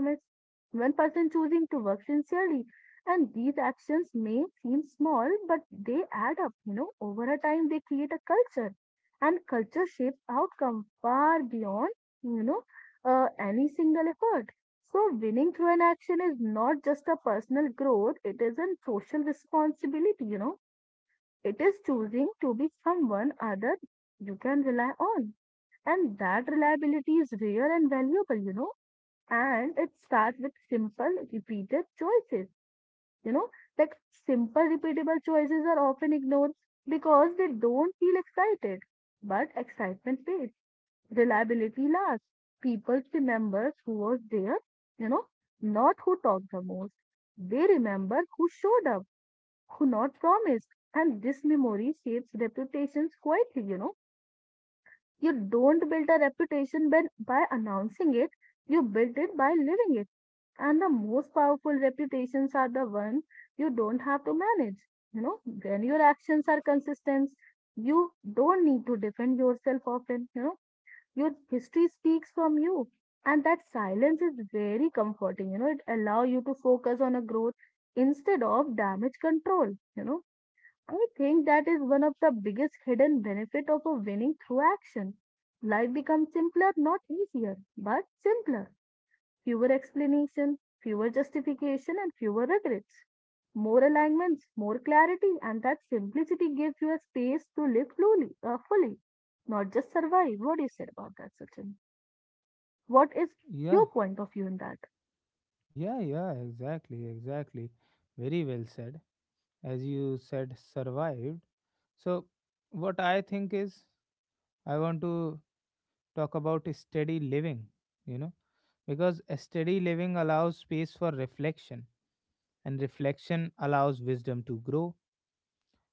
S2: one person choosing to work sincerely. And these actions may seem small, but they add up. You know, over a time, they create a culture, and culture shapes outcome far beyond, you know, any single effort. So, winning through an action is not just a personal growth, it is a social responsibility, you know. It is choosing to be someone other you can rely on. And that reliability is rare and valuable, you know. And it starts with simple, repeated choices, you know. Like, simple, repeatable choices are often ignored because they don't feel excited. But excitement fades, reliability lasts. People remember who was there, you know, not who talked the most. They remember who showed up, who not promised. And this memory shapes reputations quietly, you know. You don't build a reputation by announcing it, you build it by living it. And the most powerful reputations are the ones you don't have to manage. You know, when your actions are consistent, you don't need to defend yourself often. You know, your history speaks from you. And that silence is very comforting. You know, it allows you to focus on a growth instead of damage control. You know, I think that is one of the biggest hidden benefit of a winning through action. Life becomes simpler, not easier, but simpler. Fewer explanation, fewer justification, and fewer regrets. More alignments, more clarity, and that simplicity gives you a space to live fully, fully, not just survive. What do you say about that, Sachin? What is your
S1: Yeah,
S2: point of view in that?
S1: yeah, yeah, exactly, exactly. Very well said. As you said, survived. So, what I think is, I want to talk about steady living, you know, because a steady living allows space for reflection, and reflection allows wisdom to grow.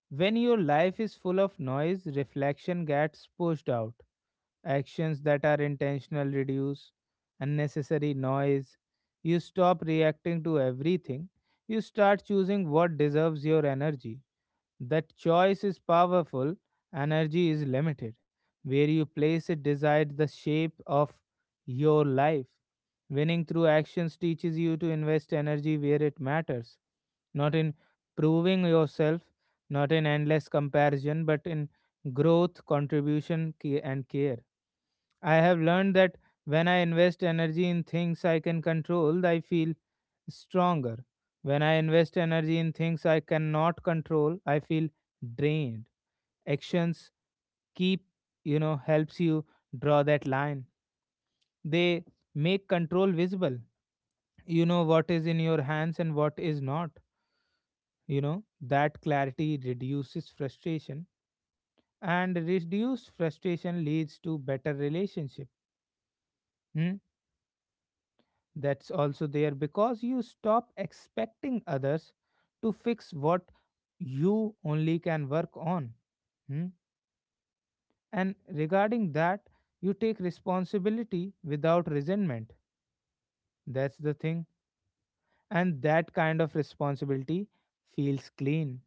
S1: When your life is full of noise, reflection gets pushed out. Actions that are intentional reduce unnecessary noise. You stop reacting to everything. You start choosing what deserves your energy. That choice is powerful, energy is limited. Where you place it decides the shape of your life. Winning through actions teaches you to invest energy where it matters, not in proving yourself, not in endless comparison, but in growth, contribution, and care. I have learned that when I invest energy in things I can control, I feel stronger. When I invest energy in things I cannot control, I feel drained. Actions keep, helps you draw that line. They make control visible. You know what is in your hands and what is not. You know, that clarity reduces frustration, and reduced frustration leads to better relationship. Hmm? That's also there because you stop expecting others to fix what you only can work on. Hmm? And regarding that, you take responsibility without resentment. That's the thing. And that kind of responsibility feels clean.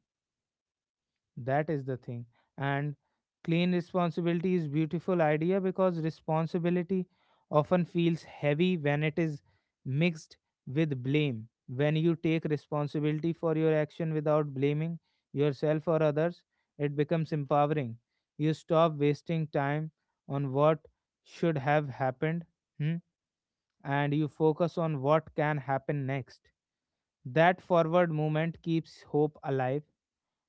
S1: That is the thing. And clean responsibility is beautiful idea because responsibility often feels heavy when it is mixed with blame. When you take responsibility for your action without blaming yourself or others, it becomes empowering. You stop wasting time on what should have happened hmm, and you focus on what can happen next. That forward movement keeps hope alive.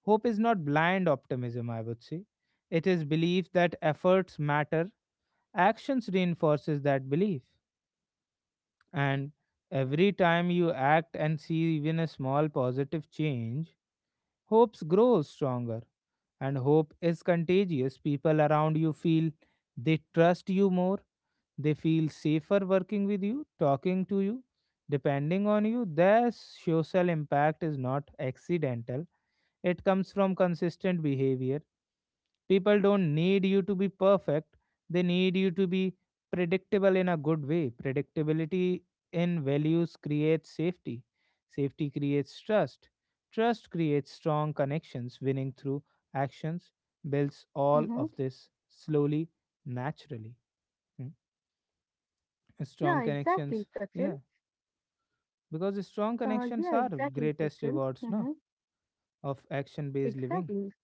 S1: Hope is not blind optimism, I would say. It is belief that efforts matter. Actions reinforces that belief. And every time you act and see even a small positive change, hope grows stronger. And hope is contagious. People around you feel they trust you more. They feel safer working with you, talking to you, depending on you. Their social impact is not accidental. It comes from consistent behavior. People don't need you to be perfect, they need you to be predictable in a good way. Predictability in values creates safety, safety creates trust, trust creates strong connections. Winning through actions builds all
S2: Mm-hmm.
S1: of this slowly, naturally. Hmm. Strong
S2: Yeah,
S1: connections,
S2: exactly, Sachin.
S1: yeah, because the strong connections
S2: Yeah,
S1: are
S2: exactly,
S1: greatest
S2: Sachin.
S1: rewards, no,
S2: Mm-hmm.
S1: of action based living,
S2: Exactly.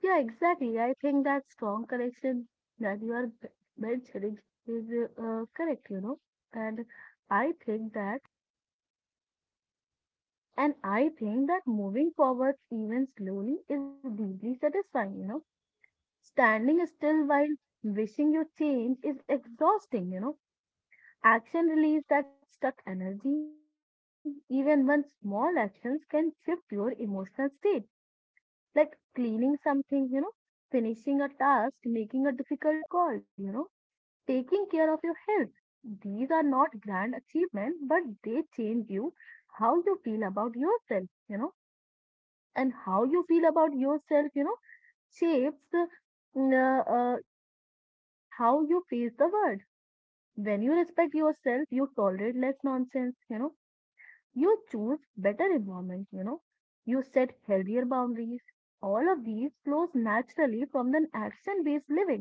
S2: Yeah, exactly. I think that strong connection that you are mentioning is correct, you know. And I think that, moving forward even slowly is deeply satisfying, you know. Standing still while wishing you change is exhausting, you know. Action relieves that stuck energy. Even when small actions can shift your emotional state, like cleaning something, you know, finishing a task, making a difficult call, you know, taking care of your health. These are not grand achievements, but they change you how you feel about yourself, you know, and how you feel about yourself, you know, shapes the, mm, uh, uh, how you face the world. When you respect yourself, you tolerate less nonsense, you know, you choose better environment, you know, you set healthier boundaries. All of these flows naturally from an action based living.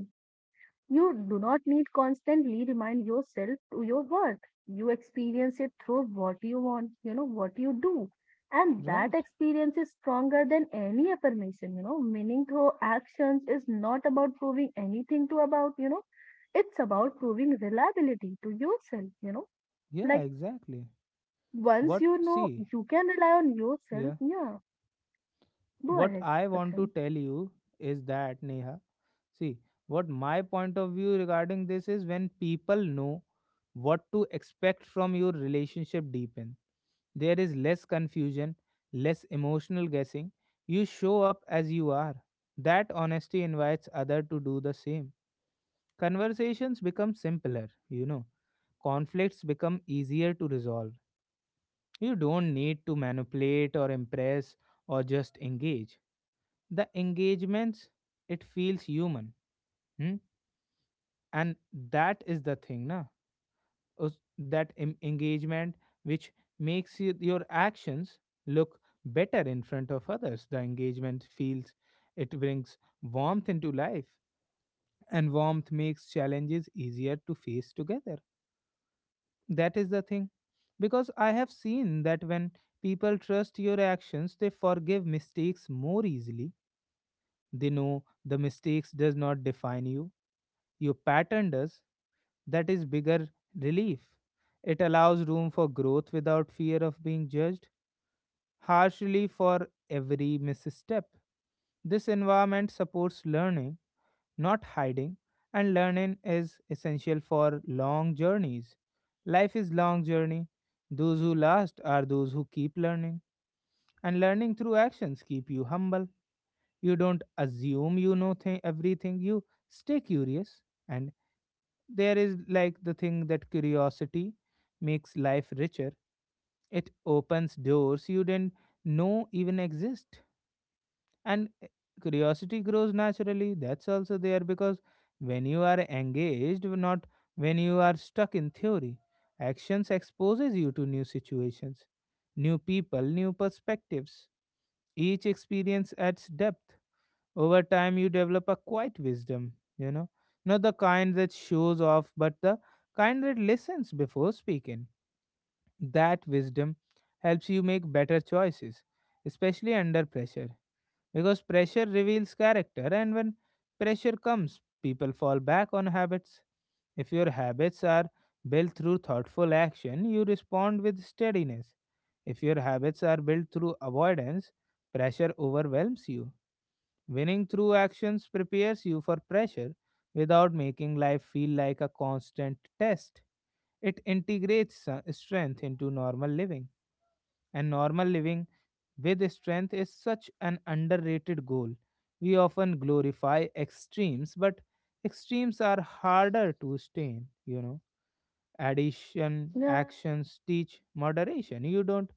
S2: You do not need constantly remind yourself to your worth. You experience it through what you want, you know, what you do. And that
S1: right?
S2: experience is stronger than any affirmation, you know. Meaning through actions is not about proving anything to about, you know, it's about proving reliability to yourself, you know.
S1: Yeah,
S2: Like,
S1: exactly.
S2: once
S1: What,
S2: you know
S1: see,
S2: you can rely on yourself,
S1: yeah,
S2: yeah. Go
S1: what
S2: ahead,
S1: I want to
S2: Sachin.
S1: tell you is that, Neha, see, what my point of view regarding this is, when people know what to expect from your relationship deepen, there is less confusion, less emotional guessing. You show up as you are. That honesty invites other to do the same. Conversations become simpler, you know. Conflicts become easier to resolve. You don't need to manipulate or impress or just engage the engagements, it feels human. Hmm? And that is the thing, na. That engagement which makes your actions look better in front of others, the engagement feels, it brings warmth into life, and warmth makes challenges easier to face together. That is the thing, because I have seen that when people trust your actions, they forgive mistakes more easily. They know the mistakes does not define you. You pattern does. That is bigger relief. It allows room for growth without fear of being judged harshly for every misstep. This environment supports learning, not hiding, and learning is essential for long journeys. Life is long journey. Those who last are those who keep learning, and learning through actions keep you humble. You don't assume you know everything. You stay curious, and there is like the thing that curiosity makes life richer, it opens doors you didn't know even exist. And curiosity grows naturally, that's also there, because when you are engaged, not when you are stuck in theory, actions exposes you to new situations, new people, new perspectives. Each experience adds depth. Over time, you develop a quiet wisdom, you know, not the kind that shows off, but the kind that listens before speaking. That wisdom helps you make better choices, especially under pressure, because pressure reveals character, and when pressure comes, people fall back on habits. If your habits are built through thoughtful action, you respond with steadiness. If your habits are built through avoidance, pressure overwhelms you. Winning through actions prepares you for pressure without making life feel like a constant test. It integrates strength into normal living, and normal living with strength is such an underrated goal. We often glorify extremes, but extremes are harder to stay in, you know. Addition
S2: Yeah.
S1: actions teach moderation. You don't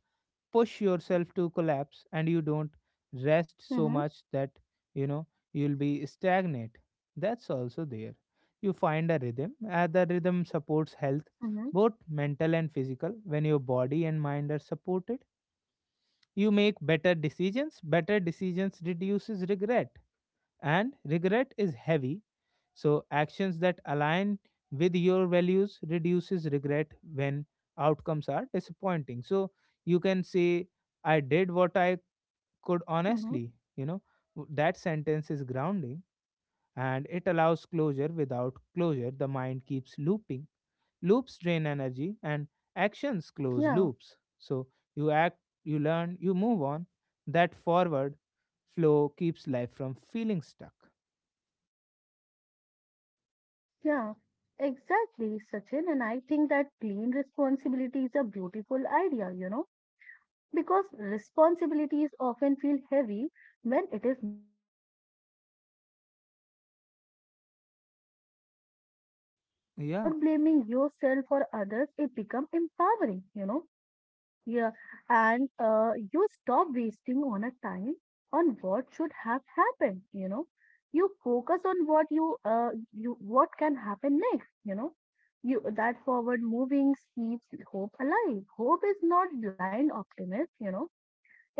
S1: push yourself to collapse, and you don't rest
S2: Mm-hmm.
S1: so much that you know you'll be stagnant, that's also there. You find a rhythm, and the rhythm supports health,
S2: Mm-hmm.
S1: both mental and physical. When your body and mind are supported, you make better decisions. Better decisions reduces regret, and regret is heavy. So actions that align with your values reduces regret when outcomes are disappointing. So you can say, I did what I could
S2: Mm-hmm.
S1: honestly. you know that sentence is grounding, and it allows closure. Without closure, the mind keeps looping. Loops drain energy, and
S2: Yeah.
S1: actions close loops. So you act, you learn, you move on. That forward flow keeps life from feeling stuck.
S2: Yeah. Exactly, Sachin, and I think that clean responsibility is a beautiful idea, you know, because responsibilities often feel heavy when it is mixed with a blame, you know. When you take responsibility for your own action
S1: Yeah,
S2: without blaming yourself or others, it becomes empowering, you know. Yeah, and you stop wasting on a time on what should have happened, you know. You focus on what you what can happen next, you know. You that forward moving keeps hope alive. Hope is not blind optimism, you know.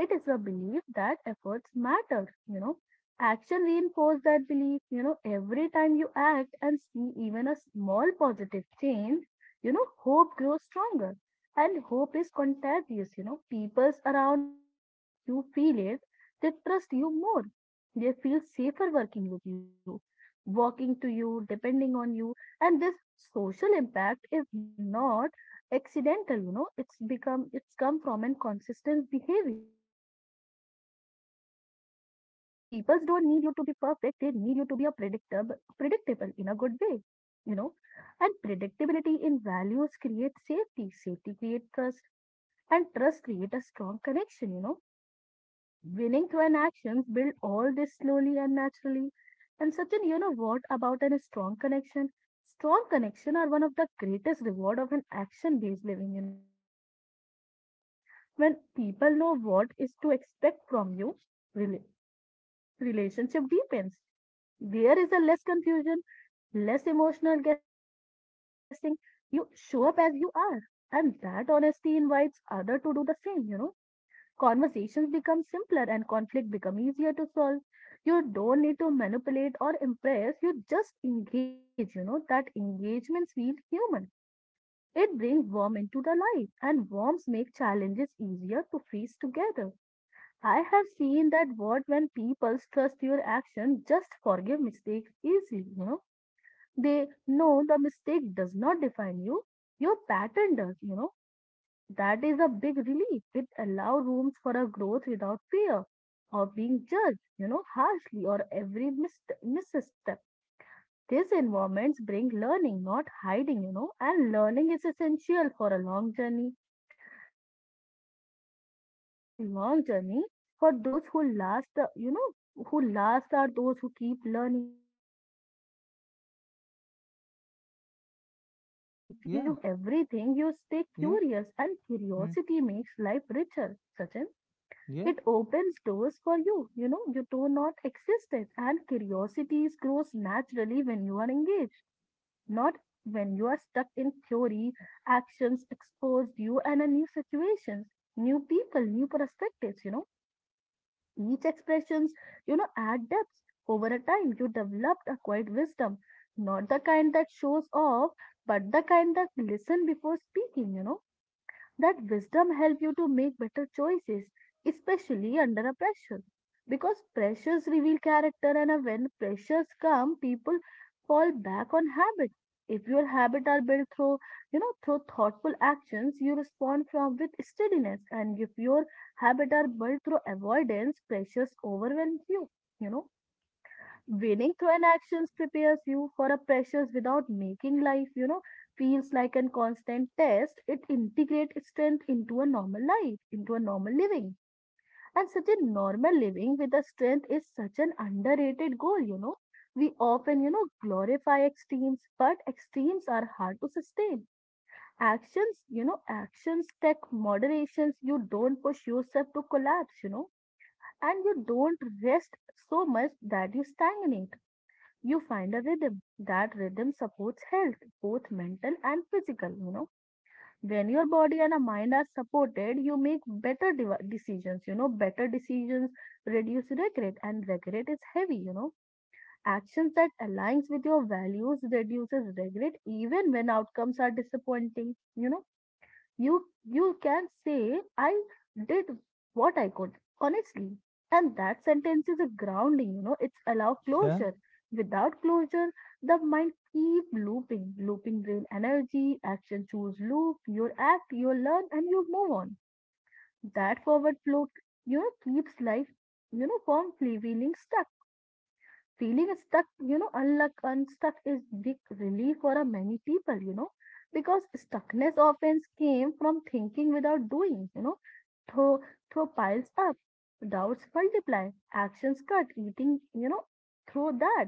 S2: It is a belief that efforts matter, you know. Action reinforces that belief, you know, every time you act and see even a small positive change, you know, hope grows stronger. And hope is contagious, you know. People around you feel it, they trust you more. They feel safer working with you, walking to you, depending on you. And this social impact is not accidental, it's come from an consistent behavior. People don't need you to be perfect, they need you to be a predictable in a good way, you know. And predictability in values create safety, safety create trust, and trust create a strong connection. Winning through an actions build all this slowly and naturally. And Sachin, you know what about an a strong connection? Strong connection are one of the greatest reward of an action-based living. When people know what is to expect from you, rela- relationship deepens. There is a less confusion, less emotional guessing. You show up as you are, and that honesty invites other to do the same. Conversations become simpler and conflict become easier to solve. You don't need to manipulate or impress, you just engage. That engagement feels human. It brings warmth into the life, and warmth make challenges easier to face together. I have seen that what when people trust your action, just forgive mistakes easily. They know the mistake does not define you. Your pattern does. That is a big relief. It allows rooms for a growth without fear of being judged harshly or every misstep. These environments bring learning, not hiding, and learning is essential for a long journey. Life is long journey. For those who last the you know who last are those who keep learning. Learning through and actions keep you humble. You don't assume you
S1: yeah,
S2: know everything. You stay
S1: yeah,
S2: curious, and
S1: mm,
S2: curiosity makes life richer, Sachin.
S1: yeah.
S2: It opens doors for you you know You do not exist it, and curiosity grows naturally when you are engaged, not when you are stuck in theory. Actions exposed you and a new situations, new people, new perspectives. Each expressions add depth. Over a time, you developed a quiet wisdom, not the kind that shows off, but the kind that listen before speaking. That wisdom help you to make better choices, especially under a pressure. Because pressures reveal character, and when pressures come, people fall back on habit. If your habits are built through thoughtful actions, you respond from with steadiness. And if your habits are built through avoidance, pressures overwhelm you. You know, Winning through an actions prepares you for a pressures without making life, feels like a constant test. It integrates strength into a normal life, into a normal living. And such a normal living with a strength is such an underrated goal. We often glorify extremes, but extremes are hard to sustain. Actions take moderations. You don't push yourself to collapse, and you don't rest so much that you stagnate. You find a rhythm. That rhythm supports health, both mental and physical. When your body and a mind are supported, you make better decisions. Better decisions reduce regret, and regret is heavy. Actions that aligns with your values reduces regret even when outcomes are disappointing. You you can say I did what I could honestly. And that sentence is a grounding. It's allow
S1: Yeah,
S2: closure. Without closure, the mind keep looping drain energy. Action choose loop. You act, you learn, and you move on. That forward flow keeps life from feeling stuck. Feeling stuck, unstuck is big relief for a many people, because stuckness often came from thinking without doing, throw, throw piles up, doubts multiply, actions cut, eating, throw that,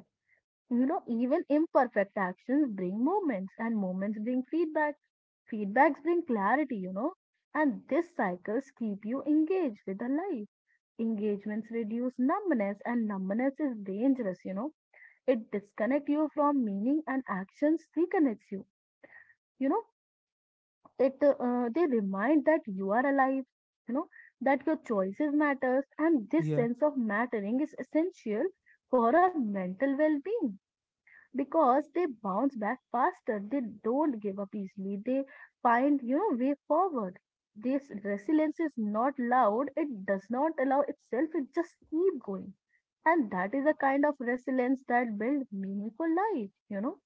S2: even imperfect actions bring moments and moments bring feedback, feedbacks bring clarity, and these cycles keep you engaged with the life. Engagements reduce numbness, and numbness is dangerous. It disconnects you from meaning, and actions reconnects you. You know, it they remind that you are alive, you know, that your choices matters, and this
S1: yeah.
S2: sense of mattering is essential for our mental well-being because they bounce back faster. They don't give up easily. They find way forward. This resilience is not loud. It does not allow itself. It just keep going. And that is a kind of resilience that build meaningful life.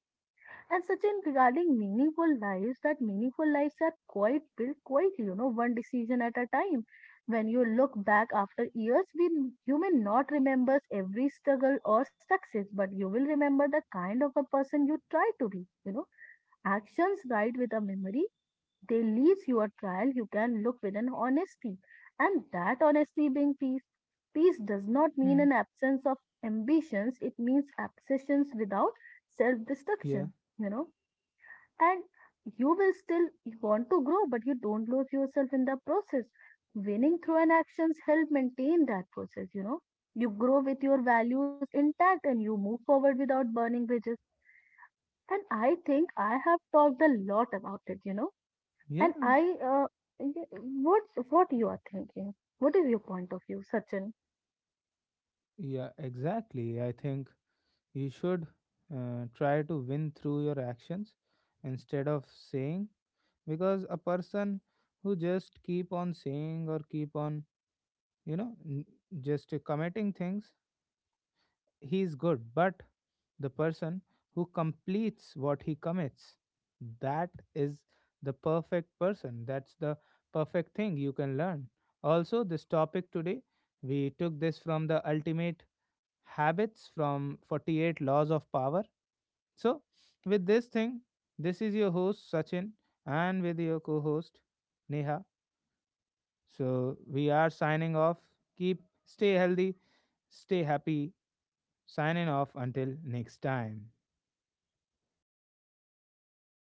S2: And Sachin, regarding meaningful lives, that meaningful lives are quite built quietly, one decision at a time. When you look back after years, you may not remember every struggle or success, but you will remember the kind of a person you try to be. Actions guide with a memory. They leaves your trial. You can look with an honesty, and that honesty being peace. Peace does not mean
S1: Hmm.
S2: an absence of ambitions. It means obsessions without self-destruction.
S1: Yeah,
S2: You know and you will still want to grow, but you don't lose yourself in the process. Winning through an actions help maintain that process. You grow with your values intact, and you move forward without burning bridges. And I think I have talked a lot about it. And
S1: yeah,
S2: I uh, what you are thinking. What is your point of view, Sachin?
S1: yeah, exactly. I think you should try to win through your actions instead of saying, because a person who just keep on saying or keep on, you know, n- just committing things, he is good, but the person who completes what he commits, that is the perfect person. That's the perfect thing you can learn. Also, this topic today, we took this from the ultimate habits from 48 laws of power. So, with this thing, this is your host Sachin and with your co host Neha. So, we are signing off. Keep stay healthy, stay happy, signing off until next time.